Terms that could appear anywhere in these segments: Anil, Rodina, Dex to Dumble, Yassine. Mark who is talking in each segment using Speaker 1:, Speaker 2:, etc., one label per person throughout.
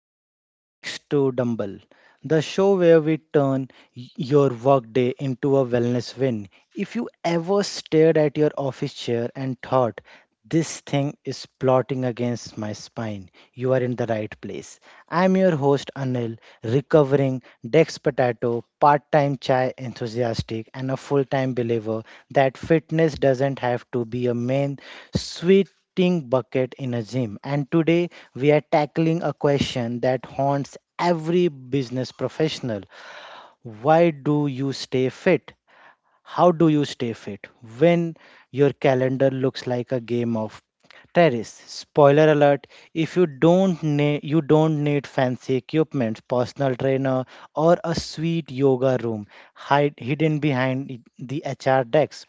Speaker 1: to Dex to Dumble, the show where we turn your workday into a wellness win. If you ever stared at your office chair and thought, this thing is plotting against my spine, you are in the right place. I'm your host Anil, recovering Dex Potato, part time chai enthusiastic, and a full time believer that fitness doesn't have to be a main sweet bucket in a gym. And today we are tackling a question that haunts every business professional. Why do you stay fit? How do you stay fit when your calendar looks like a game of terrace? Spoiler alert, if you don't need, you don't need fancy equipment, personal trainer or a sweet yoga room hide hidden behind the HR decks.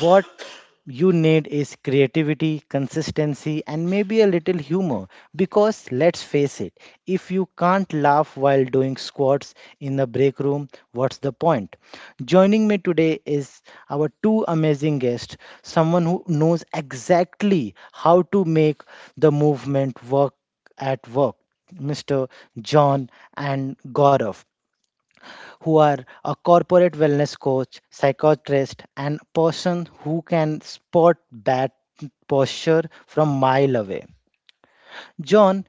Speaker 1: What you need is creativity, consistency, and maybe a little humor. Because let's face it, if you can't laugh while doing squats in the break room, what's the point? Joining me today is our two amazing guests, someone who knows exactly how to make the movement work at work. Mr. John and Gaurav, who are a corporate wellness coach, psychiatrist, and person who can spot bad posture from mile away. John,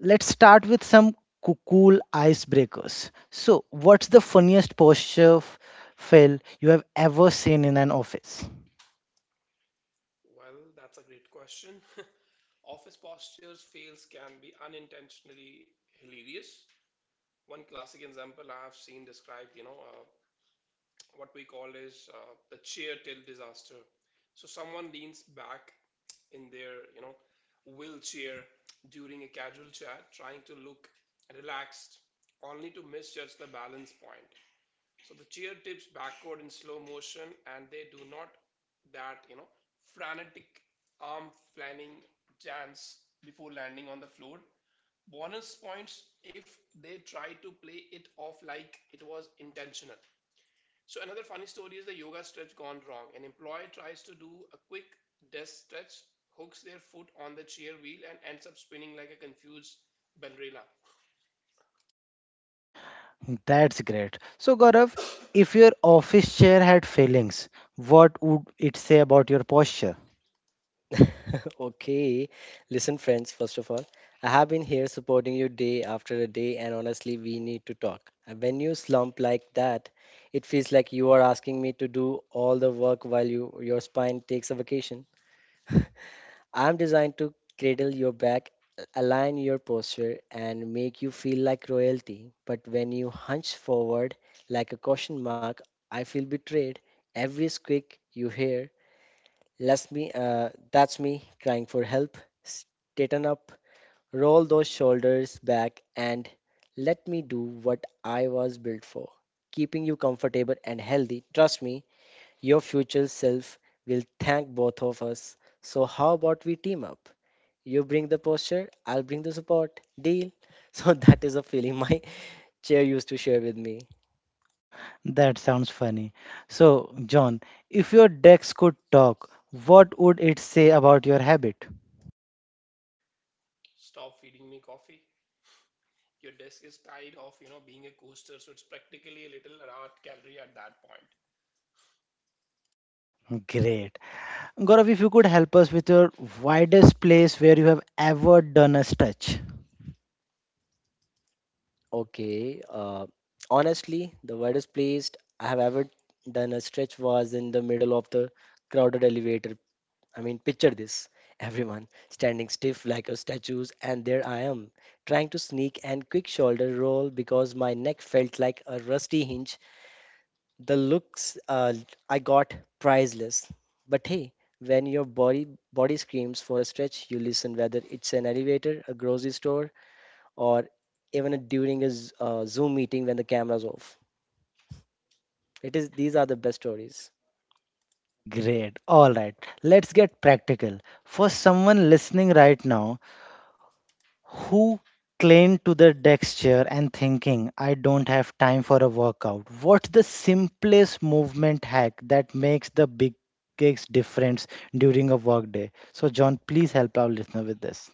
Speaker 1: let's start with some cool icebreakers. So, what's the funniest posture fail you have ever seen in an office? That's great. So, Gaurav, if your office chair had failings, what would it say about your posture?
Speaker 2: Okay, listen, friends, first of all, I have been here supporting you day after a day, and honestly, we need to talk. And when you slump like that, it feels like you are asking me to do all the work while your spine takes a vacation. I'm designed to cradle your back, align your posture, and make you feel like royalty. But when you hunch forward like a caution mark, I feel betrayed. Every squeak you hear, that's me crying for help. Straighten up, roll those shoulders back, and let me do what I was built for, keeping you comfortable and healthy. Trust me, your future self will thank both of us. So, how about we team up? You bring the posture, I'll bring the support. Deal. So, that is a feeling my chair used to share with me.
Speaker 1: That sounds funny. So, John, if your decks could talk, what would it say about your habit? Great. Gaurav, if you could help us with your widest place where you have ever done a stretch.
Speaker 2: Okay. Honestly, the weirdest place I have ever done a stretch was in the middle of the crowded elevator. I mean, picture this. Everyone standing stiff like a statues, and there I am, trying to sneak and quick shoulder roll because my neck felt like a rusty hinge. The looks I got, priceless. But hey, when your body screams for a stretch, you listen, whether it's an elevator, a grocery store, or even during a Zoom meeting when the camera's off. It is these are the best stories.
Speaker 1: Great. All right. Let's get practical. For someone listening right now who cling to the desk chair and thinking, I don't have time for a workout. What's the simplest movement hack that makes the biggest difference during a workday? So, John, please help our listener with this.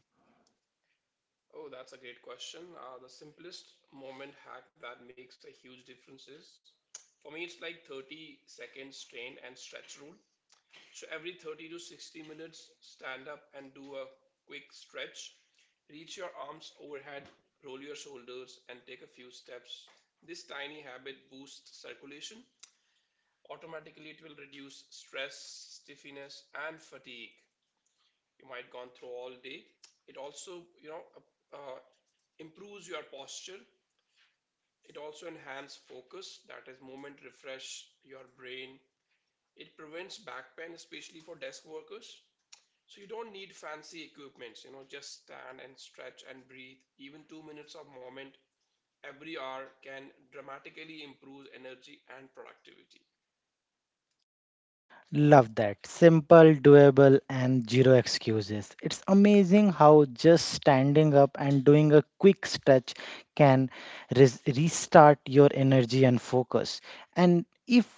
Speaker 1: Love that. Simple, doable, and zero excuses. It's amazing how just standing up and doing a quick stretch can restart your energy and focus. And if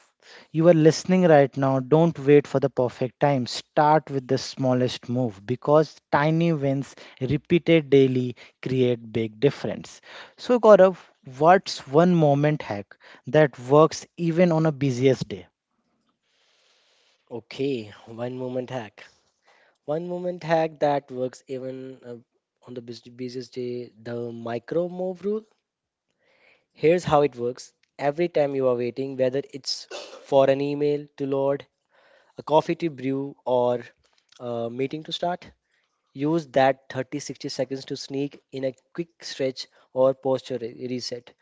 Speaker 1: you are listening right now, don't wait for the perfect time. Start with the smallest move because tiny wins repeated daily create big difference. So, Gaurav, what's one moment hack that works even on a busiest day?
Speaker 2: Okay, one moment hack. One moment hack that works even on the busiest day, the micro move rule. Here's how it works. Every time you are waiting, whether it's for an email to load, a coffee to brew, or a meeting to start, use that 30 60 seconds to sneak in a quick stretch or posture reset.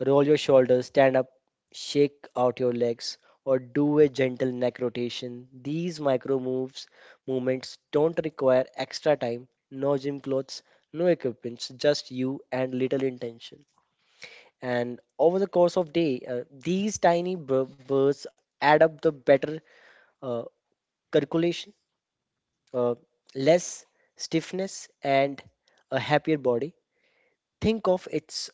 Speaker 2: Roll your shoulders, stand up, shake out your legs, or do a gentle neck rotation. These micro moves movements don't require extra time, no gym clothes, no equipment, just you and little intention. And over the course of day, these tiny bursts add up, the better uh, circulation, uh, less stiffness, and a happier body. Think of it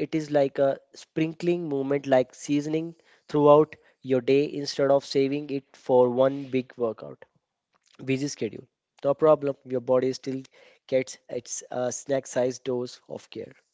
Speaker 2: It is like a sprinkling movement, like seasoning throughout your day instead of saving it for one big workout. Busy schedule, no problem, your body still gets its snack sized dose of care.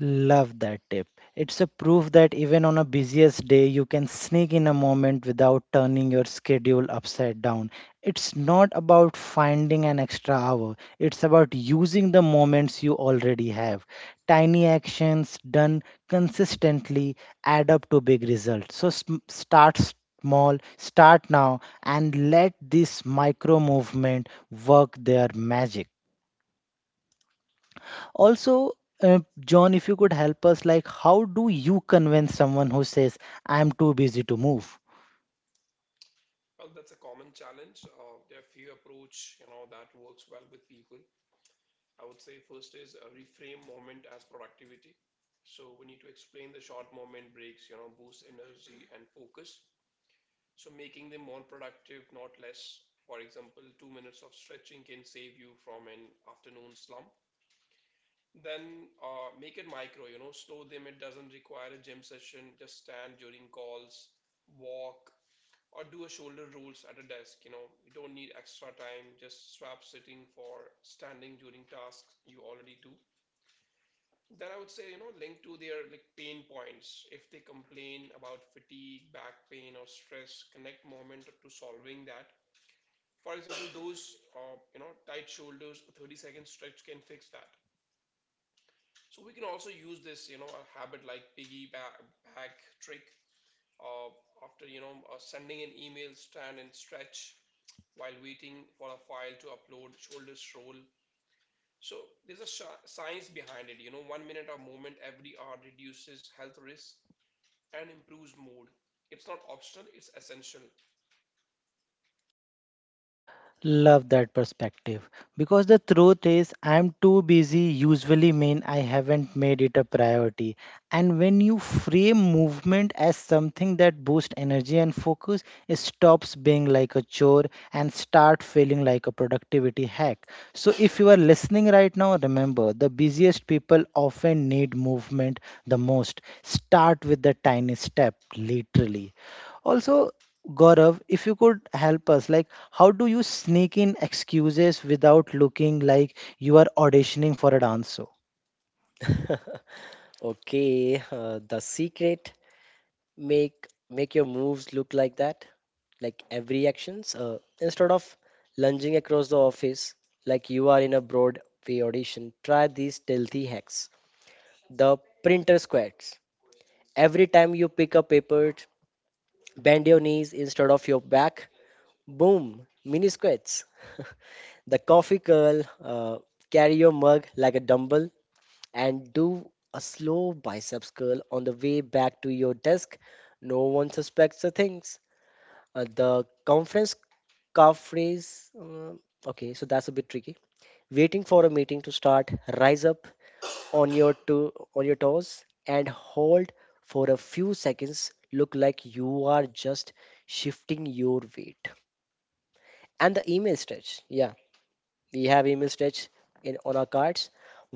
Speaker 1: Love that tip. It's a proof that even on a busiest day, you can sneak in a moment without turning your schedule upside down. It's not about finding an extra hour, it's about using the moments you already have. Tiny actions done consistently add up to big results. So start small, start now, and let this micro movement work their magic. Also, John, if you could help us, like, how do you convince someone who says, I'm too busy to move? Love that perspective because the truth is, I'm too busy, usually mean I haven't made it a priority. And when you frame movement as something that boosts energy and focus, it stops being like a chore and start feeling like a productivity hack. So if you are listening right now, remember the busiest people often need movement the most. Start with the tiny step, literally. Also, Gaurav, if you could help us, like, how do you sneak in excuses without looking like you are auditioning for a dance show?
Speaker 2: Okay, the secret, make your moves look like that, like every actions. Instead of lunging across the office like you are in a Broadway audition, try these stealthy hacks. The printer squats. Every time you pick up paper, bend your knees instead of your back. Boom, mini squats. The coffee curl, carry your mug like a dumbbell and do a slow biceps curl on the way back to your desk. No one suspects the things. The conference calf raise. Okay, so that's a bit tricky. Waiting for a meeting to start, rise up on your toes and hold for a few seconds, look like you are just shifting your weight. And the email stretch, yeah, we have email stretch in on our cards.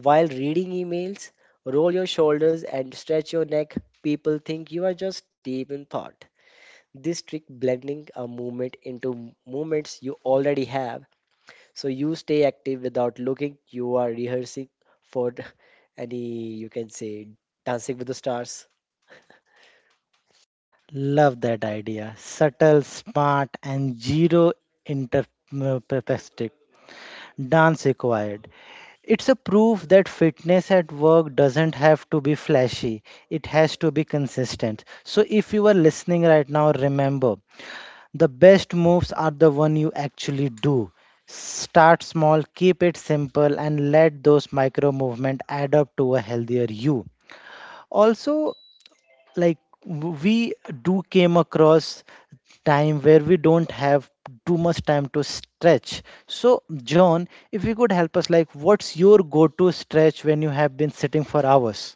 Speaker 2: While reading emails, roll your shoulders and stretch your neck. People think you are just deep in thought. This trick, blending a movement into movements you already have, so you stay active without looking. You are rehearsing for any, you can say, Dancing with the Stars.
Speaker 1: Love that idea. Subtle, smart, and zero interpretive. Dance required. It's a proof that fitness at work doesn't have to be flashy, it has to be consistent. So, if you are listening right now, remember the best moves are the one you actually do. Start small, keep it simple, and let those micro movement add up to a healthier you. Also, like, we do came across time where we don't have too much time to stretch. So, John, if you could help us, like, what's your go-to stretch when you have been sitting for hours?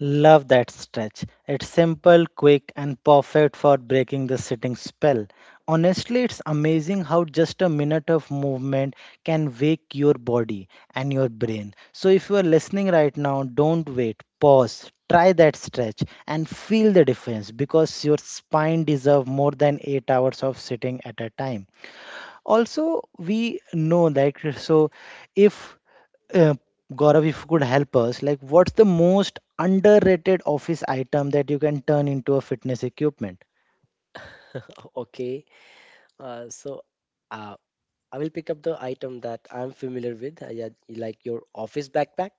Speaker 1: Love that stretch. It's simple, quick, and perfect for breaking the sitting spell. Honestly, it's amazing how just a minute of movement can wake your body and your brain. So, if you are listening right now, don't wait. Pause, try that stretch, and feel the difference because your spine deserves more than 8 hours of sitting at a time. Also, we know that. So if uh, Gaurav, if you could help us, like what's the most underrated office item that you can turn into a fitness equipment?
Speaker 2: Okay. So uh, I will pick up the item that I'm familiar with, yeah, like your office backpack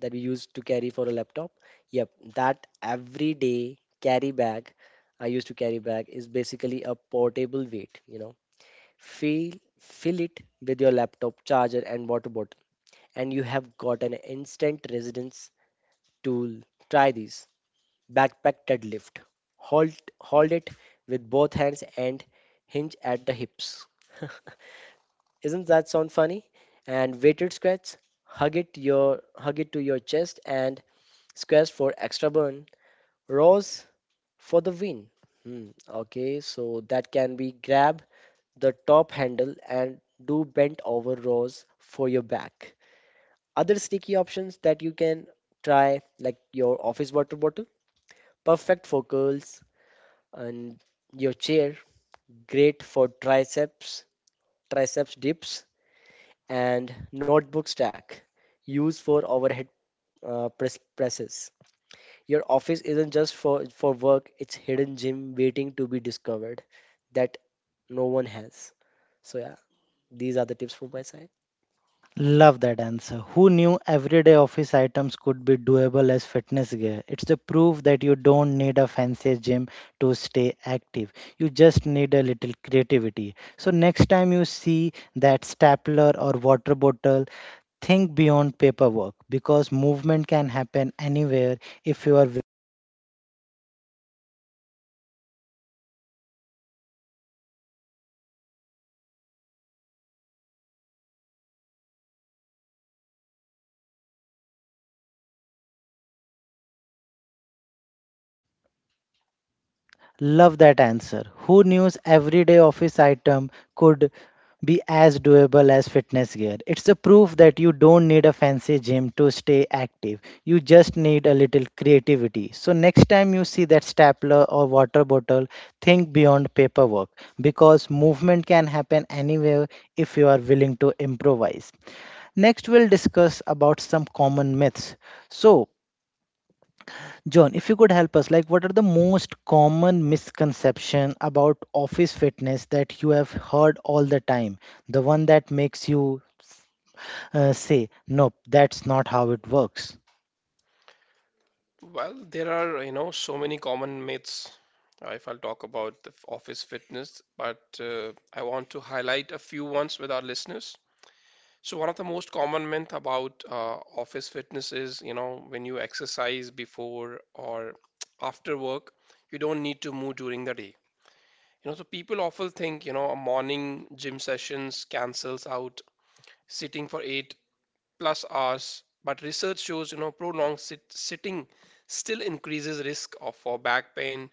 Speaker 2: that we used to carry for a laptop. Yep, that everyday carry bag I used to carry bag is basically a portable weight. Fill fill it with your laptop charger and water bottle and you have got an instant residence to try this backpack deadlift. Hold, hold it with both hands and hinge at the hips. Isn't that sound funny? And weighted squats, hug it to your chest and squats for extra burn. Rows for the win. Hmm, okay, so that can be, grab the top handle and do bent over rows for your back. Other sticky options that you can try, like your office water bottle perfect for curls, and your chair great for triceps dips, and notebook stack used for overhead uh, press presses. Your office isn't just for work, it's hidden gym waiting to be discovered that no one has. So yeah, these are the tips from my side.
Speaker 1: Love that answer. Who knew everyday office items could be doable as fitness gear? It's the proof that you don't need a fancy gym to stay active. You just need a little creativity. So next time you see that stapler or water bottle, think beyond paperwork because movement can happen anywhere if you are willing. Love that answer. Who knew everyday office item could be as doable as fitness gear? It's a proof that you don't need a fancy gym to stay active. You just need a little creativity. So next time you see that stapler or water bottle, think beyond paperwork because movement can happen anywhere if you are willing to improvise. Next, we'll discuss about some common myths. So, John, if you could help us, like what are the most common misconception about office fitness that you have heard all the time? The one that makes you say, nope, that's not how it works.
Speaker 3: Well, there are, you know, so many common myths if I'll talk about the office fitness, but I want to highlight a few ones with our listeners. So one of the most common myth about office fitness is, you know, when you exercise before or after work, you don't need to move during the day. You know, so people often think, you know, a morning gym sessions cancels out sitting for 8 plus hours, but research shows, you know, prolonged sitting still increases risk of for back pain,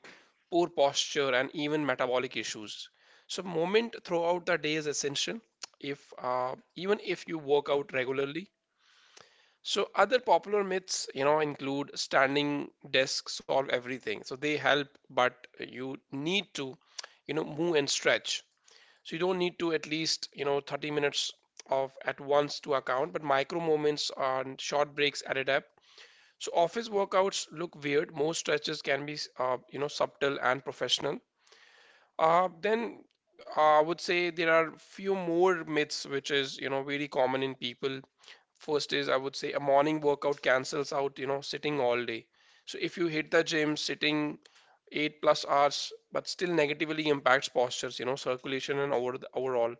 Speaker 3: poor posture, and even metabolic issues. So movement throughout the day is essential, if even if you work out regularly. So other popular myths, you know, include standing desks solve everything. So they help, but you need to, you know, move and stretch. So you don't need to at least, you know, 30 minutes of at once to account, but micro moments and short breaks added up. So office workouts look weird. Most stretches can be, you know, subtle and professional. Then I would say there are few more myths which is, you know, very common in people. First is I would say a morning workout cancels out, you know, sitting all day. So if you hit the gym sitting 8 plus hours, but still negatively impacts postures, you know, circulation and overall.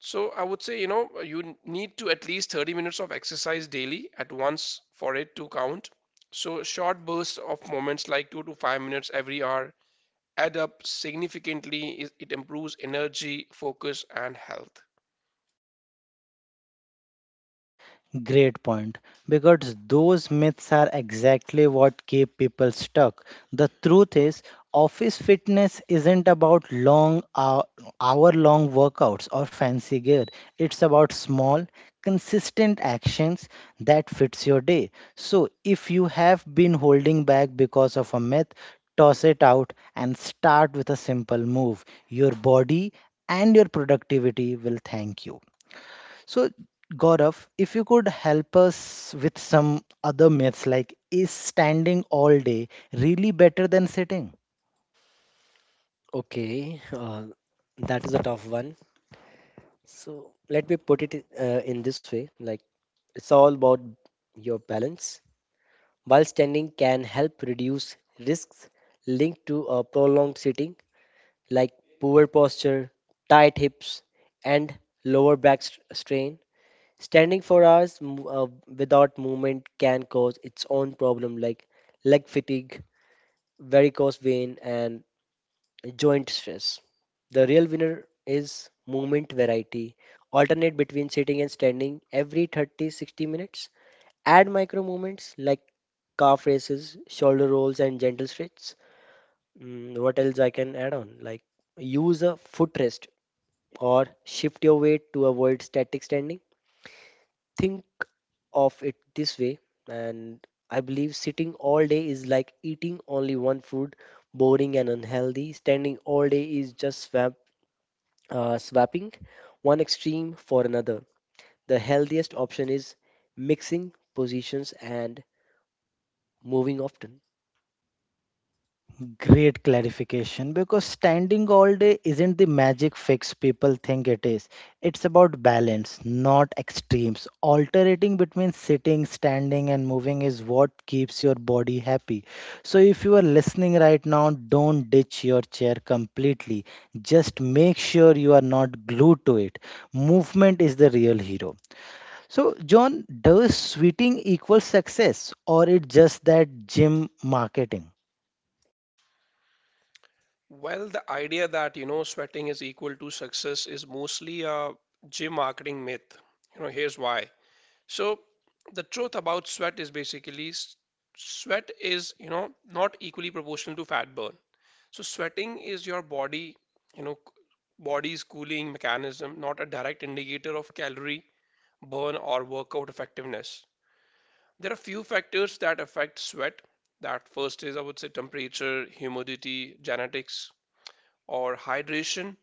Speaker 3: So I would say, you know, you need to at least 30 minutes of exercise daily at once for it to count. So short bursts of moments like 2 to 5 minutes every hour add up significantly. It improves energy, focus, and health.
Speaker 1: Great point. Because those myths are exactly what keep people stuck. The truth is, office fitness isn't about long hour long workouts or fancy gear. It's about small, consistent actions that fits your day. So if you have been holding back because of a myth, toss it out and start with a simple move. Your body and your productivity will thank you. So, Gaurav, if you could help us with some other myths, like is standing all day really better than sitting?
Speaker 2: Okay. Uh, that is a tough one. So let me put it in this way, like it's all about your balance. While standing can help reduce risks linked to a prolonged sitting, like poor posture, tight hips, and lower back strain. Standing for hours without movement can cause its own problem, like leg fatigue, varicose vein, and joint stress. The real winner is movement variety. Alternate between sitting and standing every 30 60 minutes. Add micro movements like calf raises, shoulder rolls, and gentle stretches. What else I can add on? Like use a foot rest or shift your weight to avoid static standing. Think of it this way, and I believe sitting all day is like eating only one food, boring and unhealthy. Standing all day is just swapping one extreme for another. The healthiest option is mixing positions and moving often.
Speaker 1: Great clarification because standing all day isn't the magic fix people think it is. It's about balance, not extremes. Alternating between sitting, standing, and moving is what keeps your body happy. So, if you are listening right now, don't ditch your chair completely. Just make sure you are not glued to it. Movement is the real hero. So, John, does sweating equal success or it just that gym marketing?
Speaker 3: Well, the idea that, you know, sweating is equal to success is mostly a gym marketing myth. You know, here's why. So the truth about sweat is basically sweat is, you know, not equally proportional to fat burn. So sweating is your body, you know, body's cooling mechanism, not a direct indicator of calorie burn or workout effectiveness. There are few factors that affect sweat. That first is, I would say, temperature, humidity, genetics, or hydration,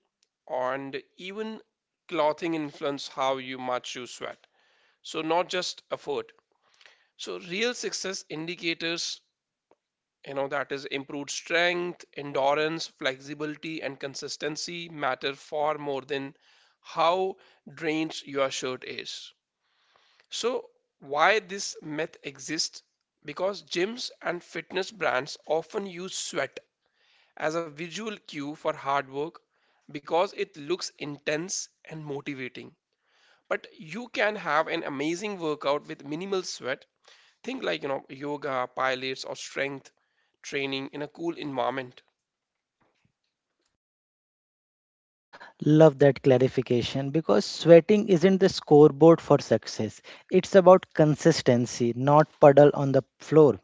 Speaker 3: and even clothing influence how you much you sweat. So not just effort. So real success indicators, you know, that is improved strength, endurance, flexibility, and consistency matter far more than how drained your shirt is. So why this myth exists, because gyms and fitness brands often use sweat as a visual cue for hard work, because it looks intense and motivating. But you can have an amazing workout with minimal sweat. Think, like, you know, yoga, pilates, or strength training in a cool environment.
Speaker 1: Love that clarification because sweating isn't the scoreboard for success. It's about consistency, not puddle on the floor.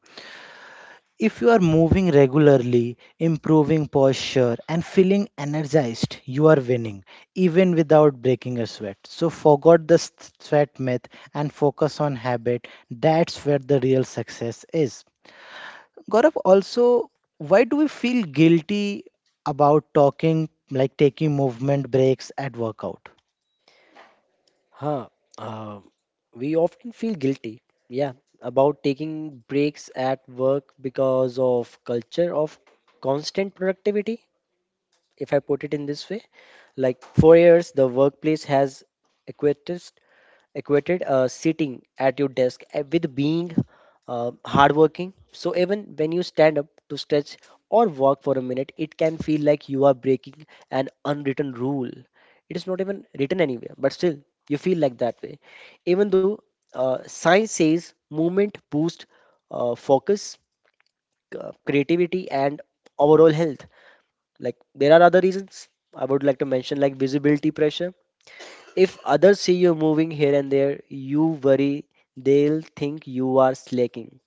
Speaker 1: If you are moving regularly, improving posture, and feeling energized, you are winning, even without breaking a sweat. So, forget the sweat myth and focus on habit. That's where the real success is. Gaurav, also, why do we feel guilty about talking, like taking movement breaks at workout?
Speaker 2: Huh. Uh, we often feel guilty, yeah, about taking breaks at work because of culture of constant productivity, if I put it in this way. Like for years, the workplace has equated equated sitting at your desk with being hardworking. So even when you stand up to stretch or walk for a minute, it can feel like you are breaking an unwritten rule. It is not even written anywhere, but still you feel like that way. Even though science says movement boosts focus, creativity, and overall health. Like there are other reasons I would like to mention, like visibility pressure, if others see you moving here and there, you worry they'll think you are slacking.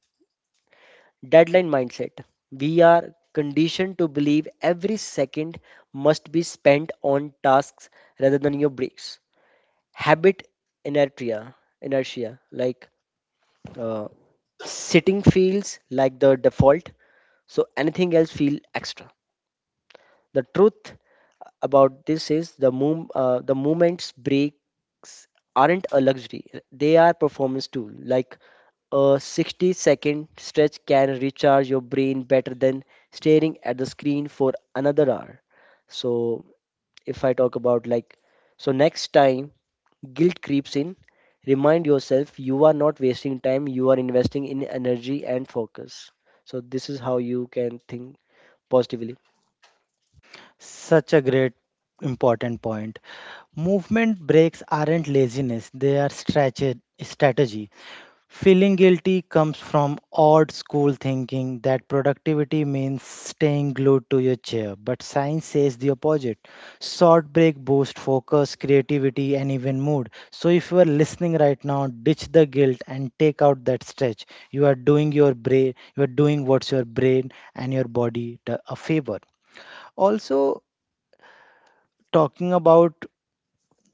Speaker 2: Deadline mindset. We are conditioned to believe every second must be spent on tasks rather than your breaks. Habit inertia, inertia. Like uh, sitting feels like the default, so anything else feel extra. The truth about this is the movement's breaks aren't a luxury; they are performance tool. Like a 60-second stretch can recharge your brain better than staring at the screen for another hour. So, if I talk about like, so next time guilt creeps in, remind yourself you are not wasting time, you are investing in energy and focus. So, this is how you can think positively.
Speaker 1: Such a great important point. Movement breaks aren't laziness, they are strategy. Feeling guilty comes from old school thinking that productivity means staying glued to your chair, but science says the opposite. Short break boost focus, creativity and even mood. So if you are listening right now, ditch the guilt and take out that stretch. You are doing your brain, you are doing what's your brain and your body a favor. Also, talking about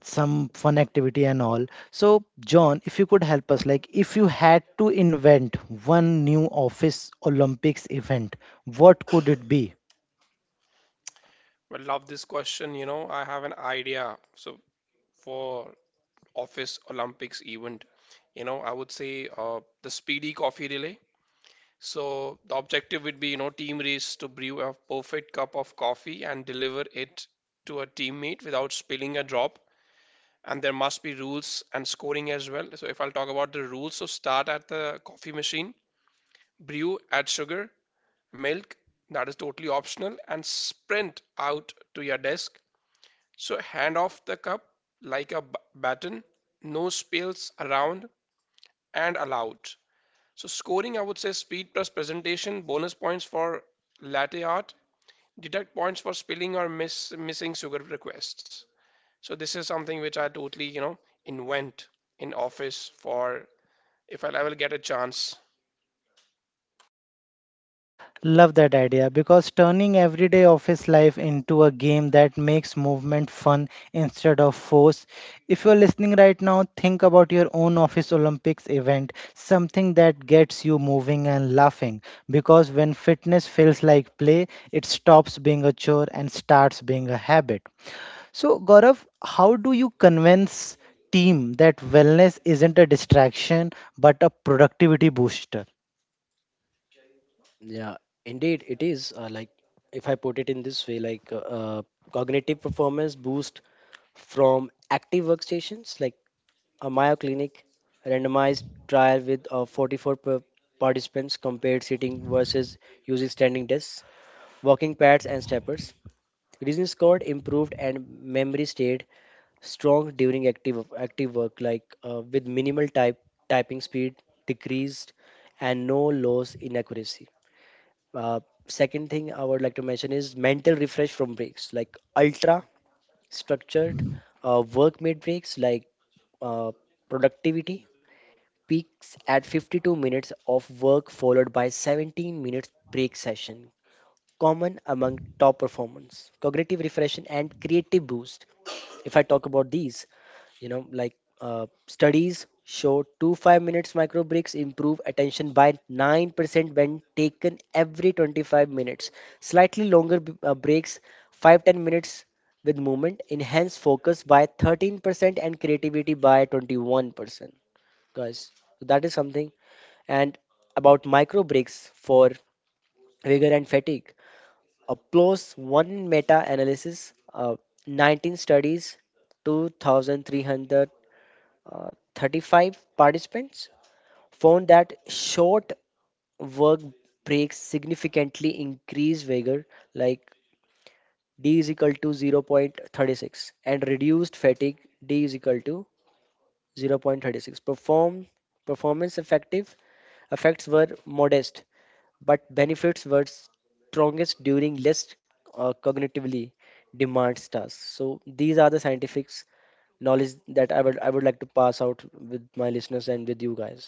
Speaker 1: some fun activity and all. So, John, if you could help us, like if you had to invent one new office Olympics event, what could it be?
Speaker 3: Well, love this question. You know, I have an idea. So for office Olympics event, you know, I would say the speedy coffee relay. So the objective would be, you know, team race to brew a perfect cup of coffee and deliver it to a teammate without spilling a drop. And there must be rules and scoring as well. So if I'll talk about the rules, so start at the coffee machine, brew, add sugar, milk, that is totally optional, and sprint out to your desk. So hand off the cup like a baton, no spills around and allowed. So scoring, I would say speed plus presentation, bonus points for latte art, deduct points for spilling or missing sugar requests. So this is something which I totally, you know, invent in office for if I will get a chance.
Speaker 1: Love that idea because turning everyday office life into a game that makes movement fun instead of force. If you're listening right now, think about your own office Olympics event, something that gets you moving and laughing. Because when fitness feels like play, it stops being a chore and starts being a habit. So, Gaurav, how do you convince team that wellness isn't a distraction but a productivity booster?
Speaker 2: Yeah, indeed, it is. Like, if I put it in this way, like cognitive performance boost from active workstations, like a Mayo Clinic randomized trial with 44 per participants compared sitting versus using standing desks, walking pads, and steppers. Reasoning scored improved and memory stayed strong during active work, like with minimal type typing speed decreased and no loss in accuracy. Uh, second thing I would like to mention is mental refresh from breaks, like ultra structured work made breaks, like uh, productivity peaks at 52 minutes of work followed by 17 minutes break session, common among top performers. Cognitive refreshing and creative boost. If I talk about these, you know, like studies show 2 5 minutes micro breaks improve attention by 9% when taken every 25 minutes. Slightly longer breaks, 5-10 minutes with movement, enhance focus by 13% and creativity by 21%, guys. So that is something. And about micro breaks for vigor and fatigue, applause. One meta analysis, uh, 19 studies, 2,300 35 participants, found that short work breaks significantly increase vigor, like d is equal to 0. 0.36, and reduced fatigue, d is equal to 0. 0.36. Performance effective effects were modest, but benefits were strongest during less cognitively demands tasks. So these are the scientific knowledge that I would like to pass out with my listeners and with you guys.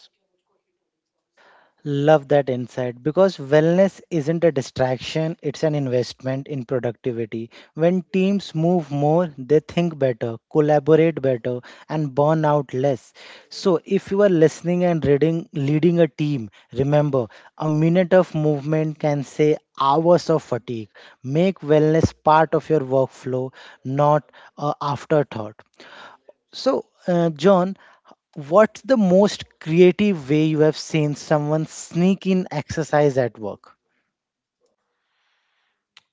Speaker 1: Love that insight because wellness isn't a distraction, it's an investment in productivity. When teams move more, they think better, collaborate better, and burn out less. So, if you are listening and reading, leading a team, remember a minute of movement can save hours of fatigue. Make wellness part of your workflow, not a afterthought. So, John, what's the most creative way you have seen someone sneak in exercise at work?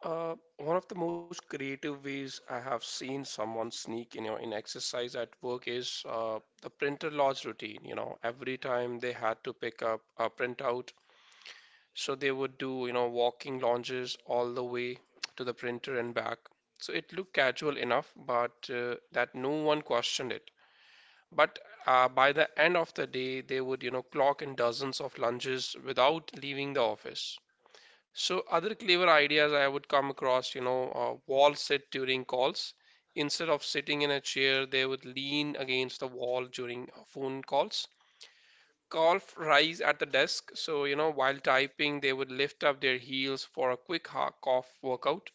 Speaker 3: One of the most creative ways I have seen someone sneak in, you know, in exercise at work is the printer lodge routine. You know, every time they had to pick up a printout, so they would do, you know, walking lunges all the way to the printer and back. So it looked casual enough, but that no one questioned it. But by the end of the day, they would, you know, clock in dozens of lunges without leaving the office. So other clever ideas I would come across, wall sit during calls. Instead of sitting in a chair, they would lean against the wall during phone calls. Golf rise at the desk, so, you know, while typing, they would lift up their heels for a quick cough workout.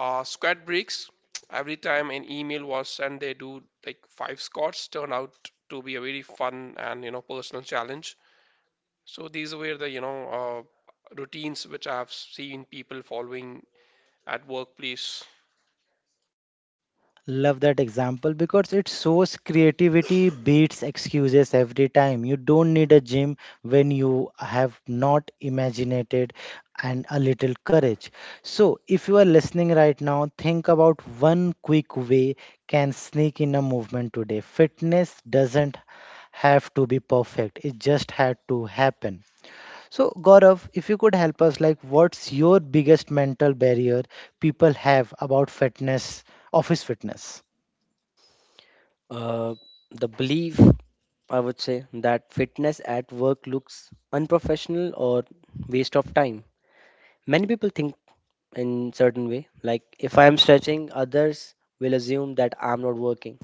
Speaker 3: Squat breaks. Every time an email was sent, they do like 5 squats. Turned out to be a very fun and, you know, personal challenge. So these were the, routines which I have seen people following at workplace.
Speaker 1: Love that example because it shows creativity beats excuses every time. You don't need a gym when you have not imagined it and a little courage. So, if you are listening right now, think about one quick way can sneak in a movement today. Fitness doesn't have to be perfect. It just had to happen. So, Gaurav, if you could help us, like, what's your biggest mental barrier people have about fitness, office fitness?
Speaker 2: Uh, the belief, I would say, that fitness at work looks unprofessional or waste of time. Many people think in certain way, like if I am stretching, others will assume that I'm not working.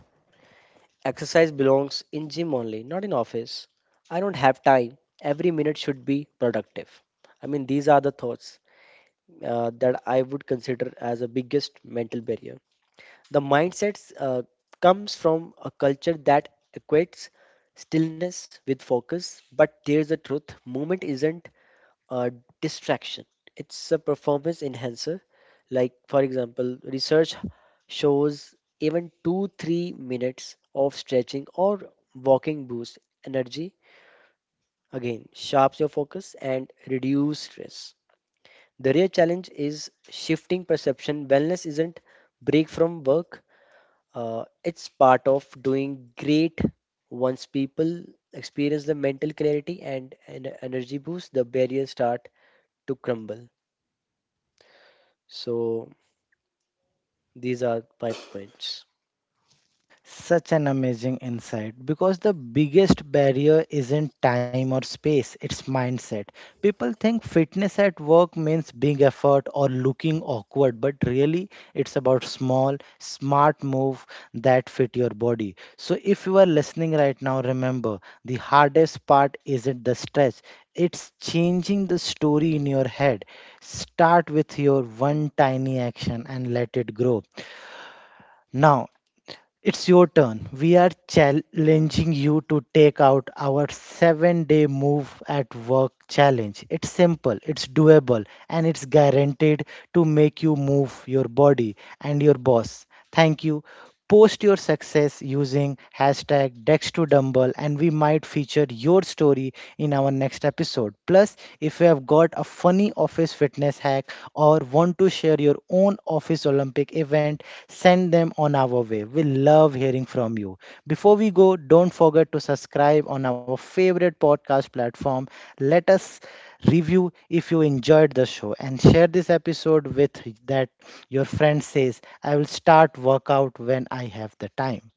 Speaker 2: Exercise belongs in gym only, not in office. I don't have time. Every minute should be productive. I mean, these are the thoughts that I would consider as a biggest mental barrier. The mindset comes from a culture that equates stillness with focus, but there's the truth movement isn't a distraction, it's a performance enhancer. Like, for example, research shows even 2, 3 minutes of stretching or walking boosts energy, again, sharps your focus and reduce stress. The real challenge is shifting perception. Wellness isn't break from work, it's part of doing great. Once people experience the mental clarity and an energy boost, the barriers start to crumble. So these are my points.
Speaker 1: Such an amazing insight because the biggest barrier isn't time or space, it's mindset. People think fitness at work means big effort or looking awkward, but really it's about small, smart move that fit your body. So if you are listening right now, remember the hardest part isn't the stress, it's changing the story in your head. Start with your one tiny action and let it grow. Now, it's your turn. We are challenging you to take out our 7 day move at work challenge. It's simple, it's doable, and it's guaranteed to make you move your body and your boss. Thank you. Post your success using hashtag Dex2Dumble and we might feature your story in our next episode. Plus, if you have got a funny office fitness hack or want to share your own office Olympic event, send them on our way. We love hearing from you. Before we go, don't forget to subscribe on our favorite podcast platform. Let us review if you enjoyed the show and share this episode with that your friend says, I will start workout when I have the time.